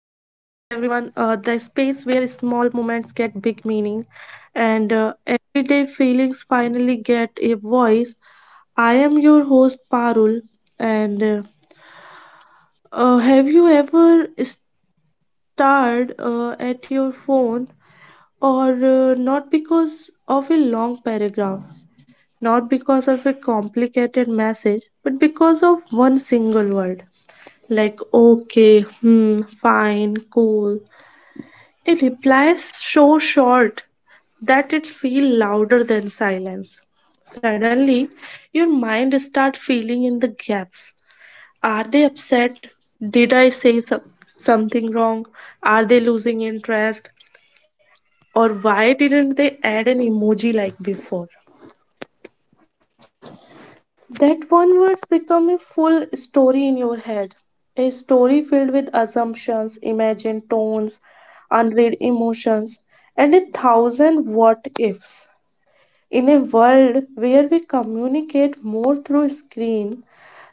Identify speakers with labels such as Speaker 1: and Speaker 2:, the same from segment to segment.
Speaker 1: the space where small moments get big meaning and everyday feelings finally get a voice. I am your host, Parul, and have you ever stared at your phone or not because of a long paragraph, not because of a complicated message, but because of one single word? Like okay, hmm, fine, cool. A reply is so short that it feels louder than silence. Suddenly, your mind starts feeling in the gaps. Are they upset? Did something wrong? Are they losing interest? Or why didn't they add an emoji like before? That one word's become a full story in your head. A story filled with assumptions, imagined tones, unread emotions, and a thousand what ifs. In a world where we communicate more through screen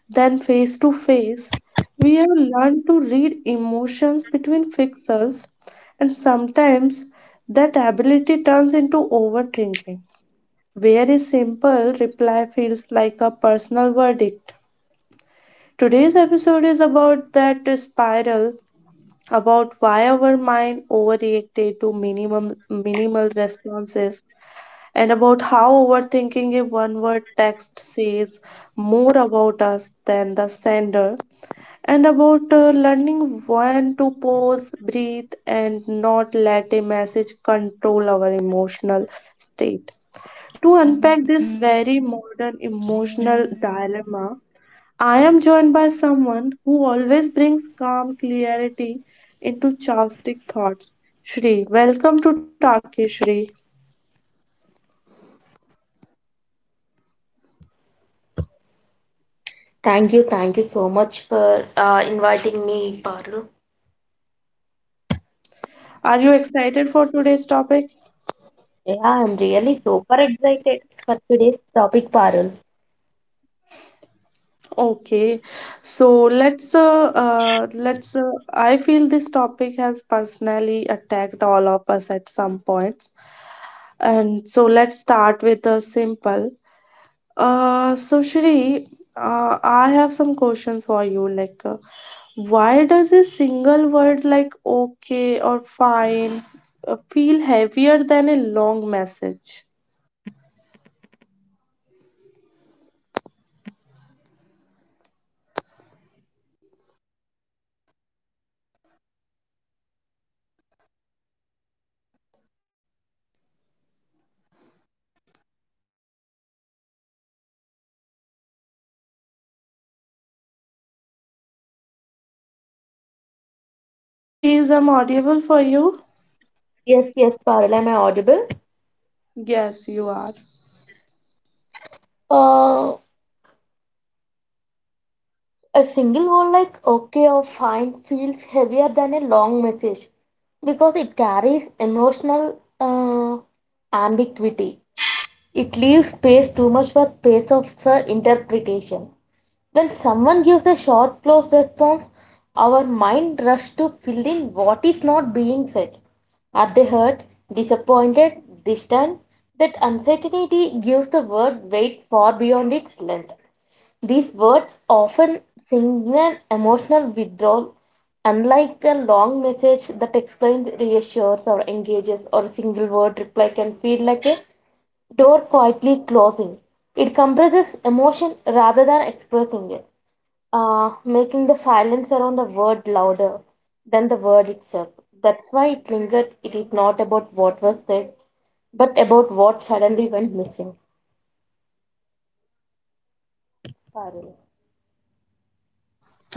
Speaker 1: than face to face, we have learned to read emotions between pixels, and sometimes that ability turns into overthinking. Very simple reply feels like a personal verdict. Today's episode is about that spiral, about why our mind overreacted to minimum minimal responses, and about how overthinking a one-word text says more about us than the sender, and about learning when to pause, breathe, and not let a message control our emotional state. To unpack this very modern emotional dilemma, I am joined by someone who always brings calm clarity into chaotic thoughts. Shri, welcome to Taki Shri.
Speaker 2: Thank you so much for inviting me, Parul.
Speaker 1: Are you excited for today's topic?
Speaker 2: Yeah, I'm really super excited for today's topic, Parul.
Speaker 1: Okay, so let's I feel this topic has personally attacked all of us at some points. And so let's start with the simple. So Shri, I have some questions for you. Why does a single word like okay or fine feel heavier than a long message? Shri, is I'm audible for you?
Speaker 2: Yes, yes, Parul, am I audible?
Speaker 1: Yes, you are.
Speaker 2: Uh, a single word like okay or fine feels heavier than a long message because it carries emotional ambiguity. It leaves space too much for space of interpretation. When someone gives a short close response, our mind rushes to fill in what is not being said. Are they hurt, disappointed, distant? That uncertainty gives the word weight far beyond its length. These words often signal emotional withdrawal, unlike a long message that explains, reassures, or engages, or a single word reply can feel like a door quietly closing. It compresses emotion rather than expressing it, making the silence around the word louder than the word itself. That's why it lingered. It is not about what was said, but about what suddenly went missing. Parul.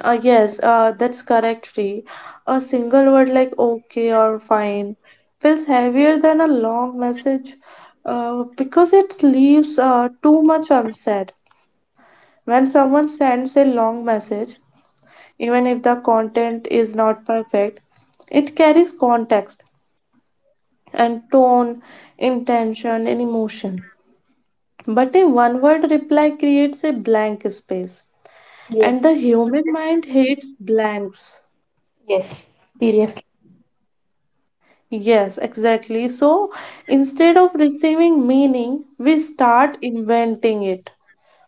Speaker 1: Yes, that's correct, Shri. A single word like okay or fine feels heavier than a long message because it leaves too much unsaid. When someone sends a long message, even if the content is not perfect, it carries context and tone, intention, and emotion. But a one word reply creates a blank space, and
Speaker 2: Yes.
Speaker 1: the human mind hates blanks.
Speaker 2: Yes, seriously.
Speaker 1: Yes, exactly. So instead of receiving meaning, we start inventing it.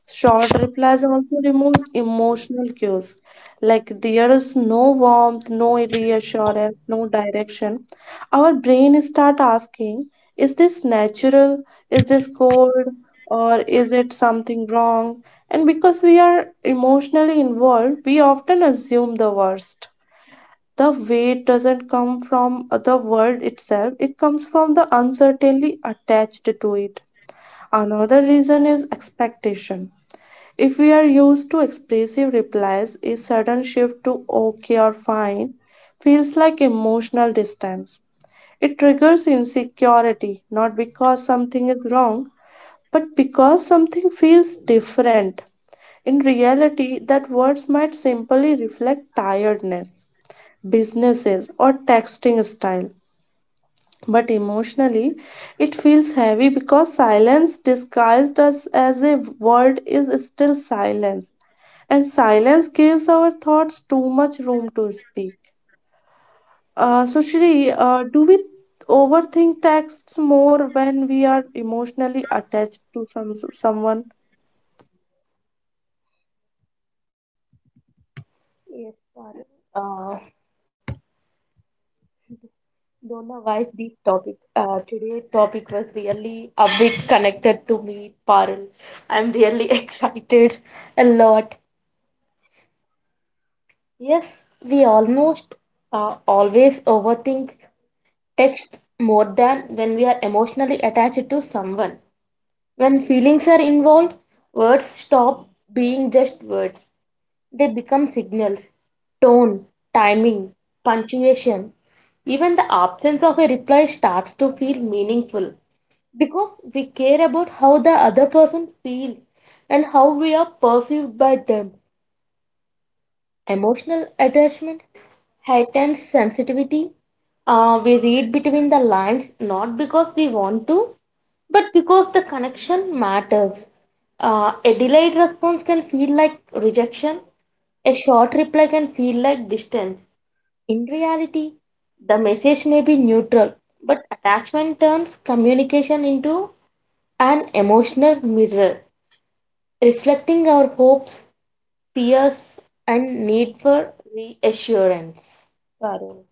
Speaker 1: Short replies also removes emotional cues. Like there is no warmth, no reassurance, no direction. Our brain start asking, is this natural? Is this cold? Or is it something wrong? And because we are emotionally involved, we often assume the worst. The weight doesn't come from the word itself, it comes from the uncertainty attached to it. Another reason is expectation if we are used to expressive replies, a sudden shift to okay or fine feels like emotional distance. It triggers insecurity not because something is wrong, but because something feels different. In reality, that words might simply reflect tiredness, businesses, or texting style. But emotionally, it feels heavy because silence disguised as a word is still silence and silence gives our thoughts too much room to speak. So, Shri, do we overthink texts more when we are emotionally attached to someone?
Speaker 2: Yes, Parul. Uh, don't know why this topic, today topic was really a bit connected to me, Parul. I'm really excited a lot. Yes, we almost always overthink text more than when we are emotionally attached to someone. When feelings are involved, words stop being just words. They become signals, tone, timing, punctuation. Even the absence of a reply starts to feel meaningful because we care about how the other person feels and how we are perceived by them. Emotional attachment heightened sensitivity. We read between the lines not because we want to, but because the connection matters. A delayed response can feel like rejection, a short reply can feel like distance. In reality, the message may be neutral, but attachment turns communication into an emotional mirror, reflecting our hopes, fears, and need for reassurance. Varun.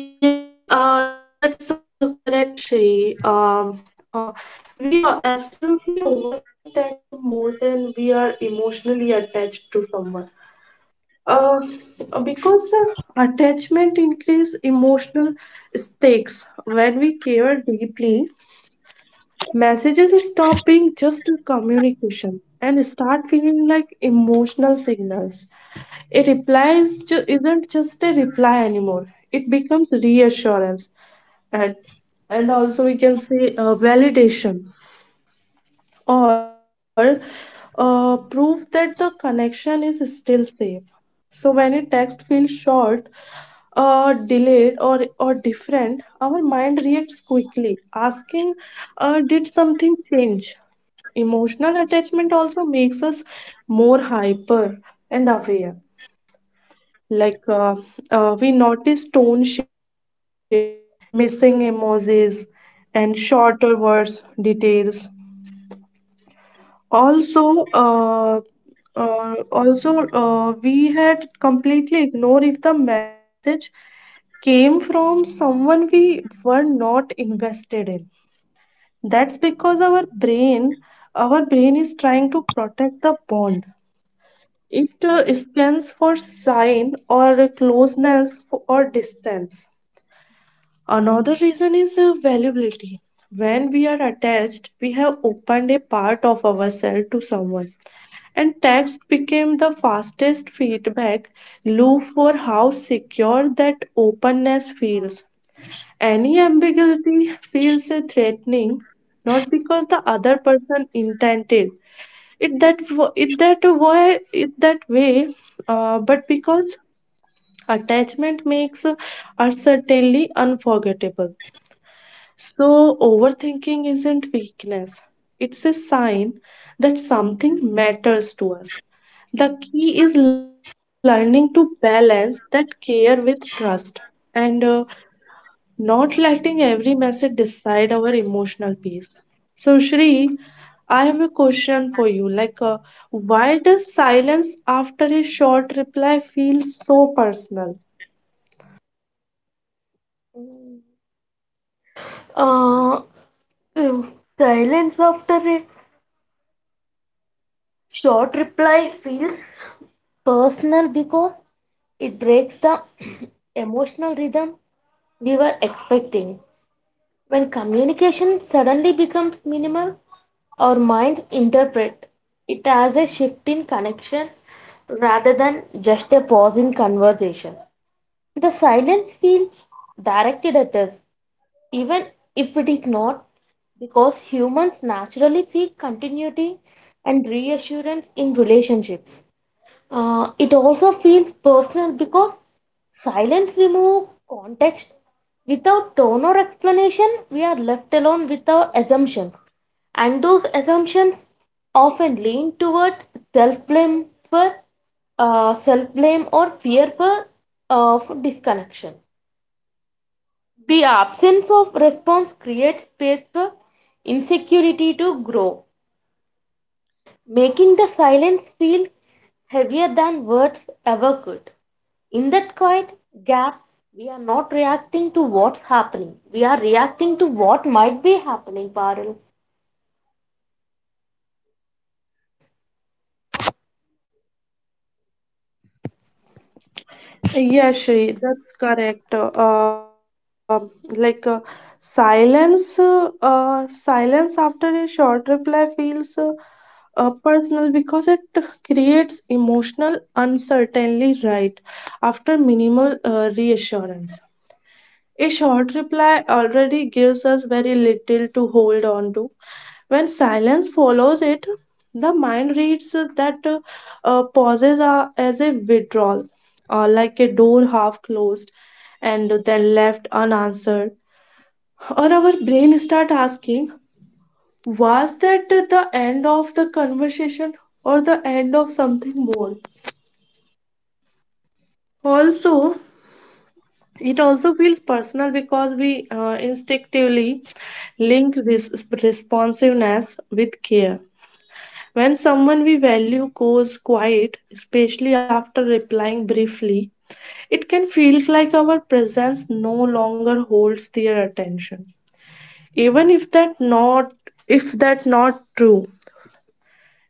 Speaker 1: Yes, that's correct, Shri. Uh, we are absolutely overthink text more than we are emotionally attached to someone. Uh, because attachment increase emotional stakes when we care deeply. Messages stop being just a communication and start feeling like emotional signals. A reply is isn't just a reply anymore. It becomes reassurance and and also we can say validation or proof that the connection is still safe. So when a text feels short, delayed or different, our mind reacts quickly, asking, "Did something change?" Emotional attachment also makes us more hyper and aware. Like uh, we notice tone shifts, missing emojis, and shorter words details. Also, uh, also, we had completely ignored if the message came from someone we were not invested in. That's because our brain is trying to protect the bond. It stands for sign or closeness or distance. Another reason is valuability. When we are attached, we have opened a part of ourselves to someone. And text became the fastest feedback loop for how secure that openness feels. Any ambiguity feels threatening, not because the other person intended, it that w- it that why it that way but because attachment makes uncertainty unforgettable. So overthinking isn't weakness, it's a sign that something matters to us. The key is learning to balance that care with trust, and not letting every message decide our emotional peace. So, Shri, I have a question for you. Why does silence after a short reply feel so personal?
Speaker 2: Uh, um, silence after a short reply feels personal because it breaks the emotional rhythm we were expecting. When communication suddenly becomes minimal, our minds interpret it as a shift in connection rather than just a pause in conversation. The silence feels directed at us even if it is not, because humans naturally seek continuity and reassurance in relationships. It also feels personal because silence removes context. Without tone or explanation, we are left alone with our assumptions, and those assumptions often lean toward self blame for self blame or fear for disconnection. The absence of response creates space for insecurity to grow, making the silence feel heavier than words ever could. In that quiet gap, we are not reacting to what's happening. We are reacting to what might be happening, Parul.
Speaker 1: Yeah, Shri, that's correct. Like, silence after a short reply feels personal because it creates emotional uncertainty right after minimal reassurance. A short reply already gives us very little to hold on to. When silence follows it, the mind reads that pauses are as a withdrawal, or like a door half closed and then left unanswered. Or our brain start asking, was that the end of the conversation or the end of something more? Also, It also feels personal because we instinctively link this responsiveness with care. When someone we value goes quiet, especially after replying briefly, it can feel like our presence no longer holds their attention. Even if that not true,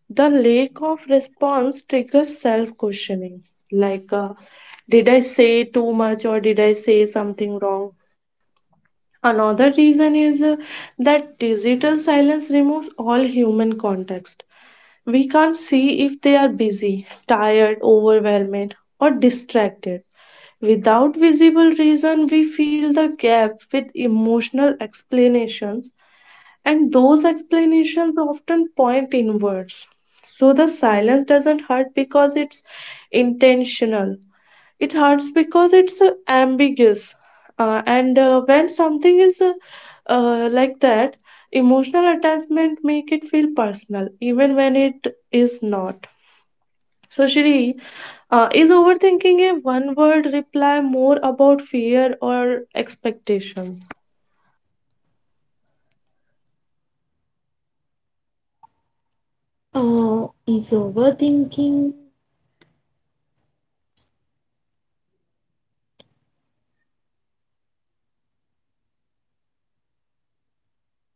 Speaker 1: the lack of response triggers self-questioning, like did I say too much or did I say something wrong? Another reason is that digital silence removes all human context. We can't see if they are busy, tired, overwhelmed, or distracted. Without visible reason, we fill the gap with emotional explanations, and those explanations often point inwards. So the silence doesn't hurt because it's intentional. It hurts because it's ambiguous. And when something is like that, emotional attachment make it feel personal, even when it is not. So Shri, is overthinking a one word reply more about fear or expectation?
Speaker 2: Is overthinking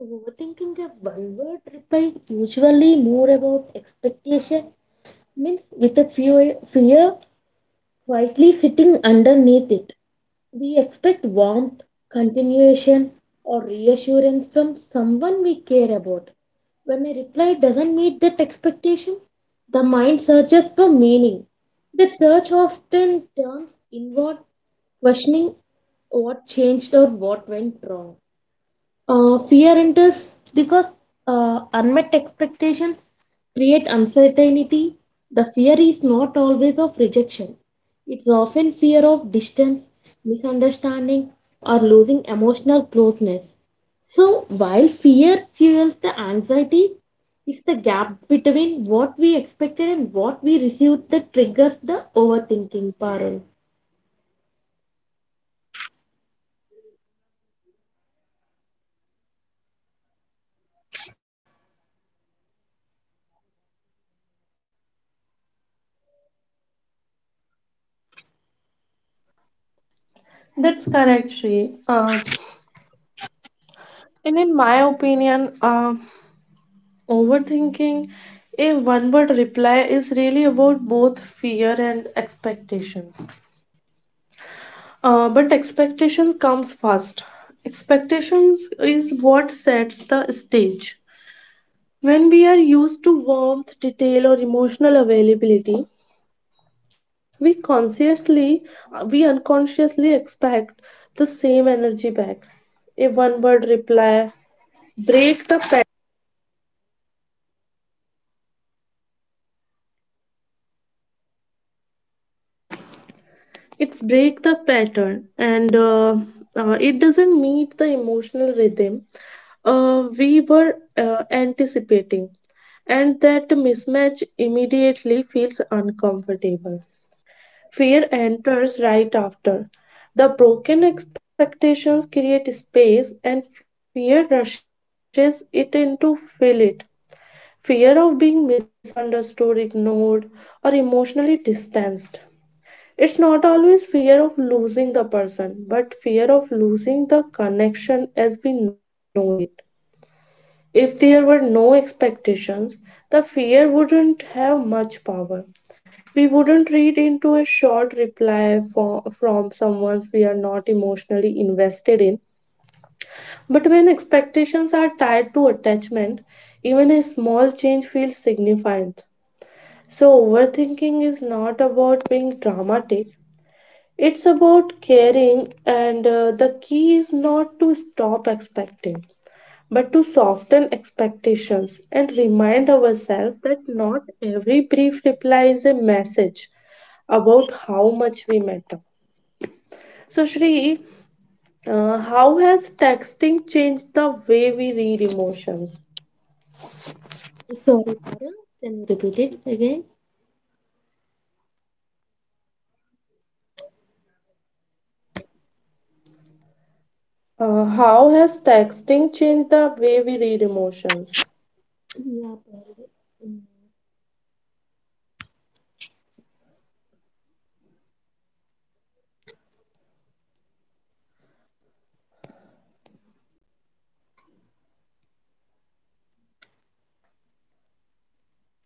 Speaker 2: Overthinking a one word reply usually more about expectation means with a fear quietly sitting underneath it. We expect warmth, continuation, or reassurance from someone we care about. When a reply doesn't meet that expectation, the mind searches for meaning. That search often turns inward, questioning what changed or what went wrong. Fear enters because unmet expectations create uncertainty. The fear is not always of rejection, it's often fear of distance, misunderstanding, or losing emotional closeness. So, while fear fuels the anxiety, it's the gap between what we expected and what we received that triggers the overthinking, Parul.
Speaker 1: That's correct, Shri. And in my opinion, overthinking a one word reply is really about both fear and expectations. But expectations comes first. Expectations is what sets the stage. When we are used to warmth, detail, or emotional availability, we consciously, we unconsciously expect the same energy back. A one-word reply, break the break the pattern and it doesn't meet the emotional rhythm we were anticipating and that mismatch immediately feels uncomfortable. Fear enters right after the broken expectations create space and fear rushes it in to fill it. Fear of being misunderstood ignored or emotionally distanced, it's not always fear of losing the person, but fear of losing the connection as we know it. If there were no expectations, the fear wouldn't have much power. We wouldn't read into a short reply from someone we are not emotionally invested in. But when expectations are tied to attachment, even a small change feels significant. So, overthinking is not about being dramatic, it's about caring, and the key is not to stop expecting, but to soften expectations and remind ourselves that not every brief reply is a message about how much we matter. So, Shri, how has texting changed the way we read emotions?
Speaker 2: Sorry, Parul. Can you repeat it again?
Speaker 1: How has texting changed the way we read emotions?
Speaker 2: Yeah, Parul. Mm.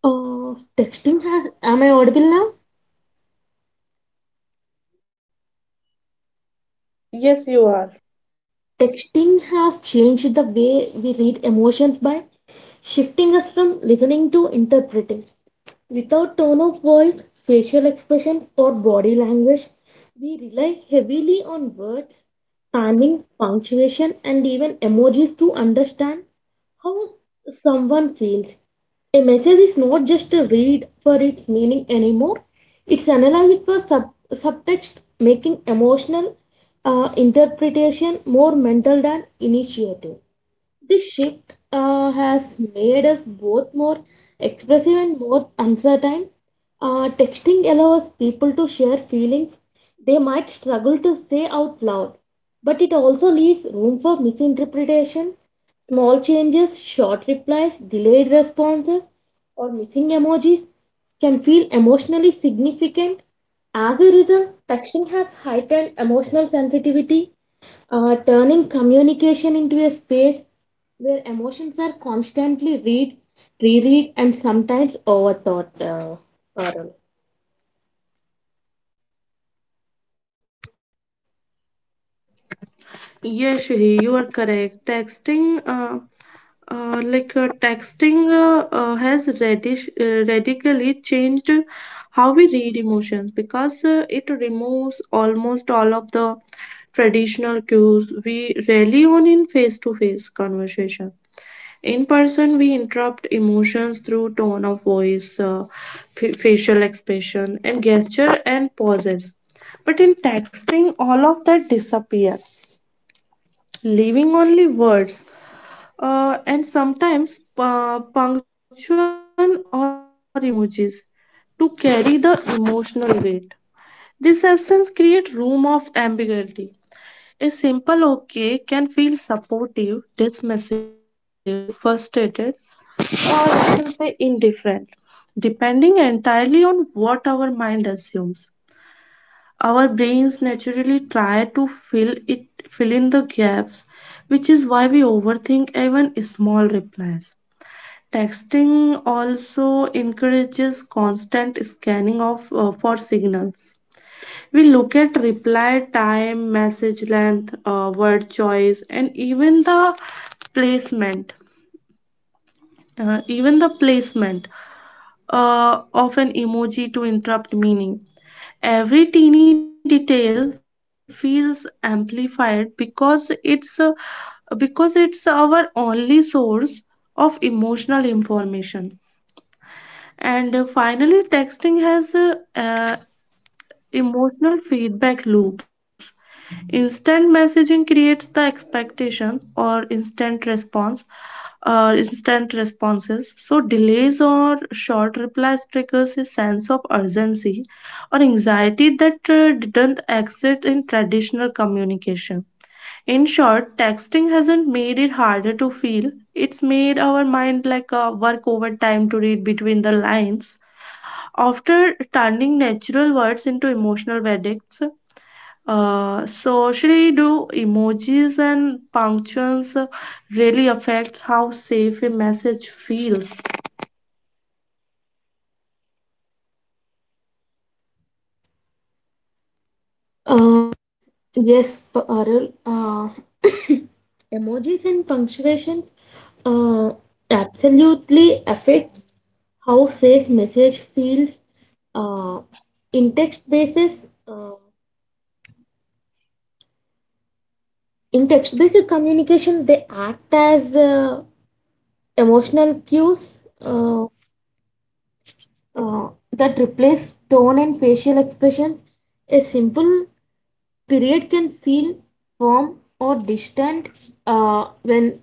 Speaker 2: Texting has, am I audible now?
Speaker 1: Yes, you are.
Speaker 2: Texting has changed the way we read emotions by shifting us from listening to interpreting. Without tone of voice, facial expressions, or body language, we rely heavily on words, timing, punctuation, and even emojis to understand how someone feels. A message is not just a read for its meaning anymore, it's analyzed for subtext, making emotional interpretation more mental than initiative. This shift has made us both more expressive and more uncertain. Texting allows people to share feelings they might struggle to say out loud, but it also leaves room for misinterpretation. Small changes, short replies, delayed responses, or missing emojis can feel emotionally significant. As a result, texting has heightened emotional sensitivity turning communication into a space where emotions are constantly read, reread, and sometimes overthought. Parul.
Speaker 1: Yes, Shri, you are correct. Texting has radically changed how we read emotions because it removes almost all of the traditional cues we rely on in face-to-face conversation. In person, we interrupt emotions through tone of voice, facial expression, and gesture and pauses. But in texting, all of that disappears, leaving only words and sometimes punctuation or emojis to carry the emotional weight. This absence creates room of ambiguity. A simple okay can feel supportive, dismissive, frustrated, or I can say indifferent, depending entirely on what our mind assumes. Our brains naturally try to fill in the gaps, which is why we overthink even small replies. Texting also encourages constant scanning of for signals. We look at reply time, message length, word choice, and even the placement. Even the placement of an emoji to interrupt meaning. Every teeny detail feels amplified because it's our only source of emotional information. And finally, texting has emotional feedback loops. Instant messaging creates the expectation or instant response or instant responses. So delays or short replies triggers a sense of urgency or anxiety that didn't exist in traditional communication. In short, texting hasn't made it harder to feel. It's made our mind like work overtime to read between the lines. After turning natural words into emotional verdicts, so Shri, do emojis and punctuations really affects how safe a message feels?
Speaker 2: Uh, yes, Parul. Emojis and punctuations uh, absolutely affects how safe message feels. Uh, in text basis, uh, in text based communication, they act as emotional cues. That replace tone and facial expressions. A simple period can feel firm or distant, when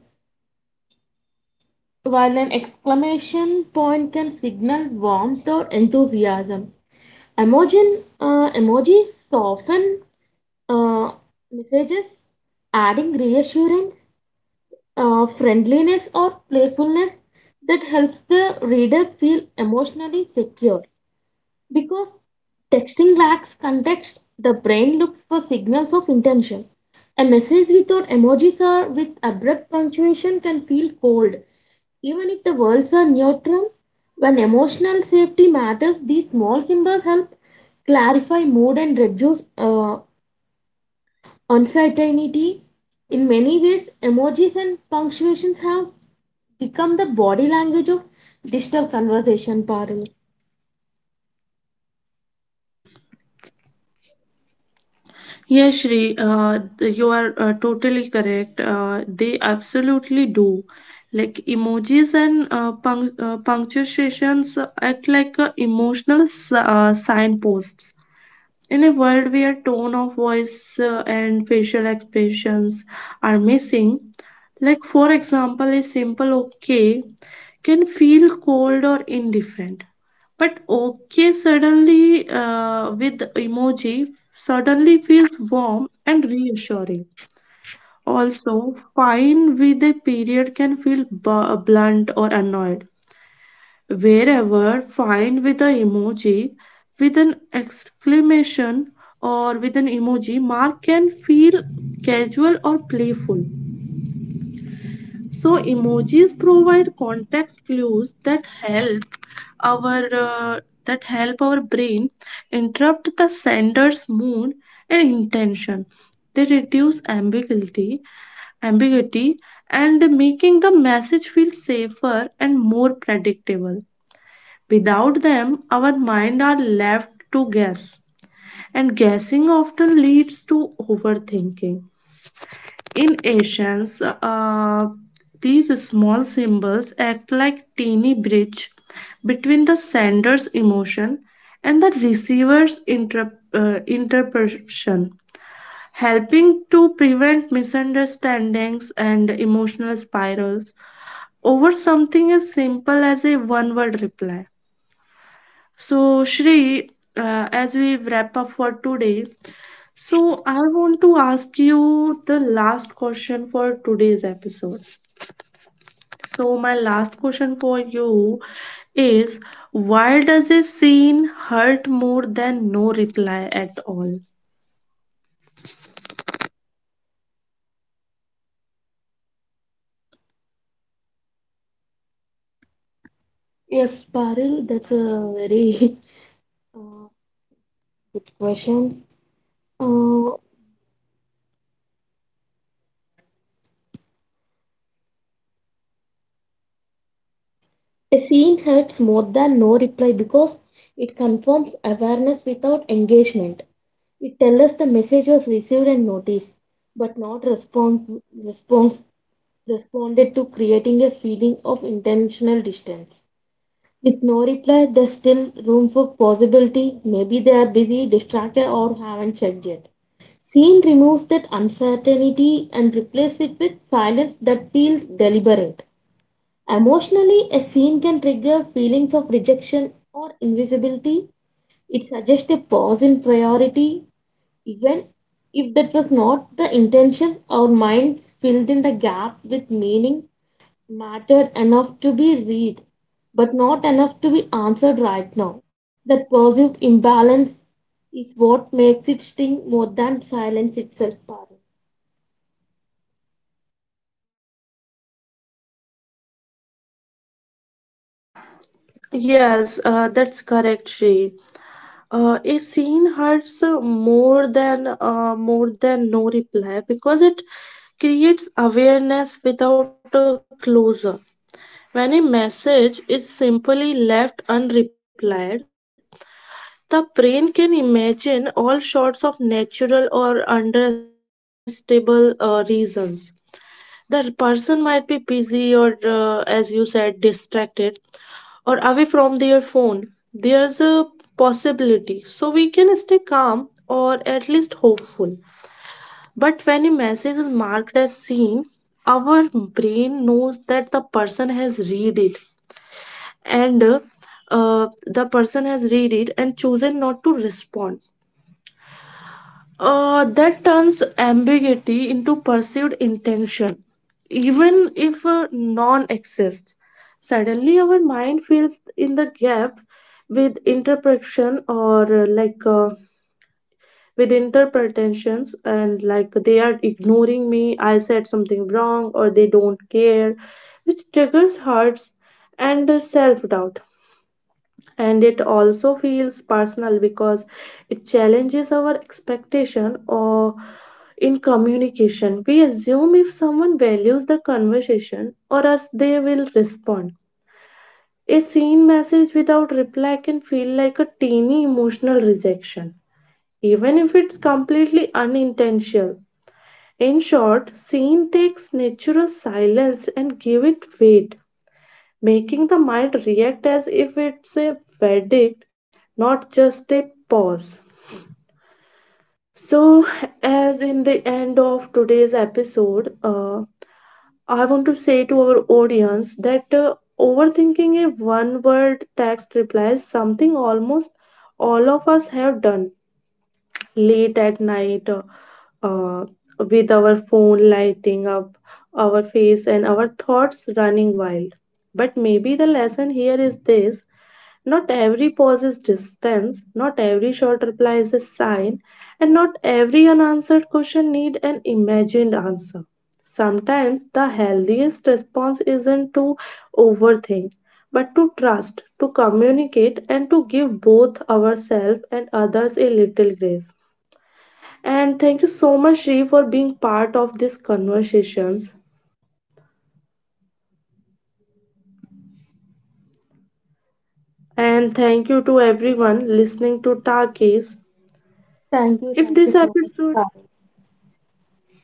Speaker 2: while an exclamation point can signal warmth or enthusiasm. Emoji, emojis soften uh, messages, adding reassurance, friendliness, or playfulness that helps the reader feel emotionally secure. Because texting lacks context, the brain looks for signals of intention. A message without emojis or with abrupt punctuation can feel cold, even if the words are neutral. When emotional safety matters, these small symbols help clarify mood and reduce uncertainty. In many ways, emojis and punctuations have become the body language of digital conversation, Parul.
Speaker 1: Yes, Shri, you are totally correct. They absolutely do. Like emojis and punctuations act like emotional signposts in a world where tone of voice and facial expressions are missing, like for example, a simple okay can feel cold or indifferent. But okay suddenly with emoji suddenly feels warm and reassuring. Also, fine with a period can feel blunt or annoyed wherever find with a emoji with an exclamation or with an emoji mark can feel casual or playful. So emojis provide context clues that help our uh, our brain interrupt the sender's mood and intention. They reduce ambiguity and making the message feel safer and more predictable. Without them, our mind are left to guess, and guessing often leads to overthinking. In ancients, uh, these small symbols act like teeny bridge between the sender's emotion and the receiver's interpretation, helping to prevent misunderstandings and emotional spirals over something as simple as a one-word reply. So, Shri, as we wrap up for today, so I want to ask you the last question for today's episode. So, my last question for you is, why does a scene hurt more than no reply at all?
Speaker 2: Yes, Parul, that's a very Uh, good question. Uh, a scene hurts more than no reply because it confirms awareness without engagement. It tells us the message was received and noticed, but not response, response responded to, creating a feeling of intentional distance. With no reply, there's still room for possibility. Maybe they are busy, distracted, or haven't checked yet. Scene removes that uncertainty and replaces it with silence that feels deliberate. Emotionally, a scene can trigger feelings of rejection or invisibility. It suggests a pause in priority, even if that was not the intention. Our minds filled in the gap with meaning mattered enough to be read, but not enough to be answered right now. That perceived imbalance is what makes it sting more than silence itself. Parul.
Speaker 1: Yes, that's correct, Shrey. A scene hurts more than no reply because it creates awareness without a closure. When a message is simply left unreplied, the brain can imagine all sorts of natural or understandable reasons. The person might be busy or, as you said, distracted or away from their phone. There's a possibility. So we can stay calm or at least hopeful. But when a message is marked as seen, our brain knows that the person has read it and uh, and chosen not to respond. That turns ambiguity into perceived intention, even if non exists. Suddenly, our mind fills in the gap with interpretation or uh, like uh, with interpretations, and like they are ignoring me, I said something wrong, or they don't care, which triggers hurts and self doubt. And it also feels personal because it challenges our expectation or in communication we assume if someone values the conversation or us they will respond. A seen message without reply can feel like a teeny emotional rejection, even if it's completely unintentional. In short, seen takes natural silence and give it weight, making the mind react as if it's a verdict, not just a pause. So, as in the end of today's episode, I want to say to our audience that overthinking a one word text reply is something almost all of us have done late at night uh, with our phone lighting up our face and our thoughts running wild. But maybe the lesson here is this: not every pause is distance, not every short reply is a sign, and not every unanswered question need an imagined answer. Sometimes the healthiest response isn't to overthink, but to trust, to communicate, and to give both ourselves and others a little grace. And thank you so much, Shri, for being part of these conversations. And thank you to everyone listening to Takis. If
Speaker 2: Thank you
Speaker 1: this
Speaker 2: so much.
Speaker 1: episode.
Speaker 2: Parul.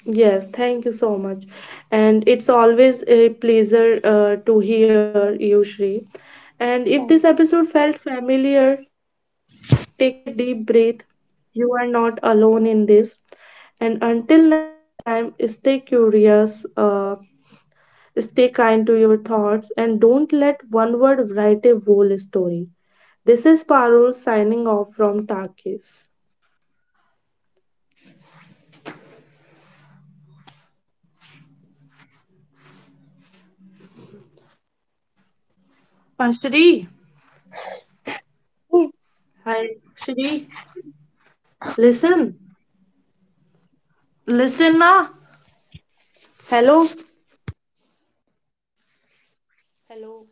Speaker 1: Yes, thank you so much. And it's always a pleasure to hear you, Shri. And
Speaker 2: Thank
Speaker 1: if this episode felt familiar, take a deep breath. You are not alone in this. And until next time, stay curious, stay kind to your thoughts, and don't let one word write a whole story. This is Parul signing off from Takis. Shri, hi, Shri, listen, listen, na. Hello hello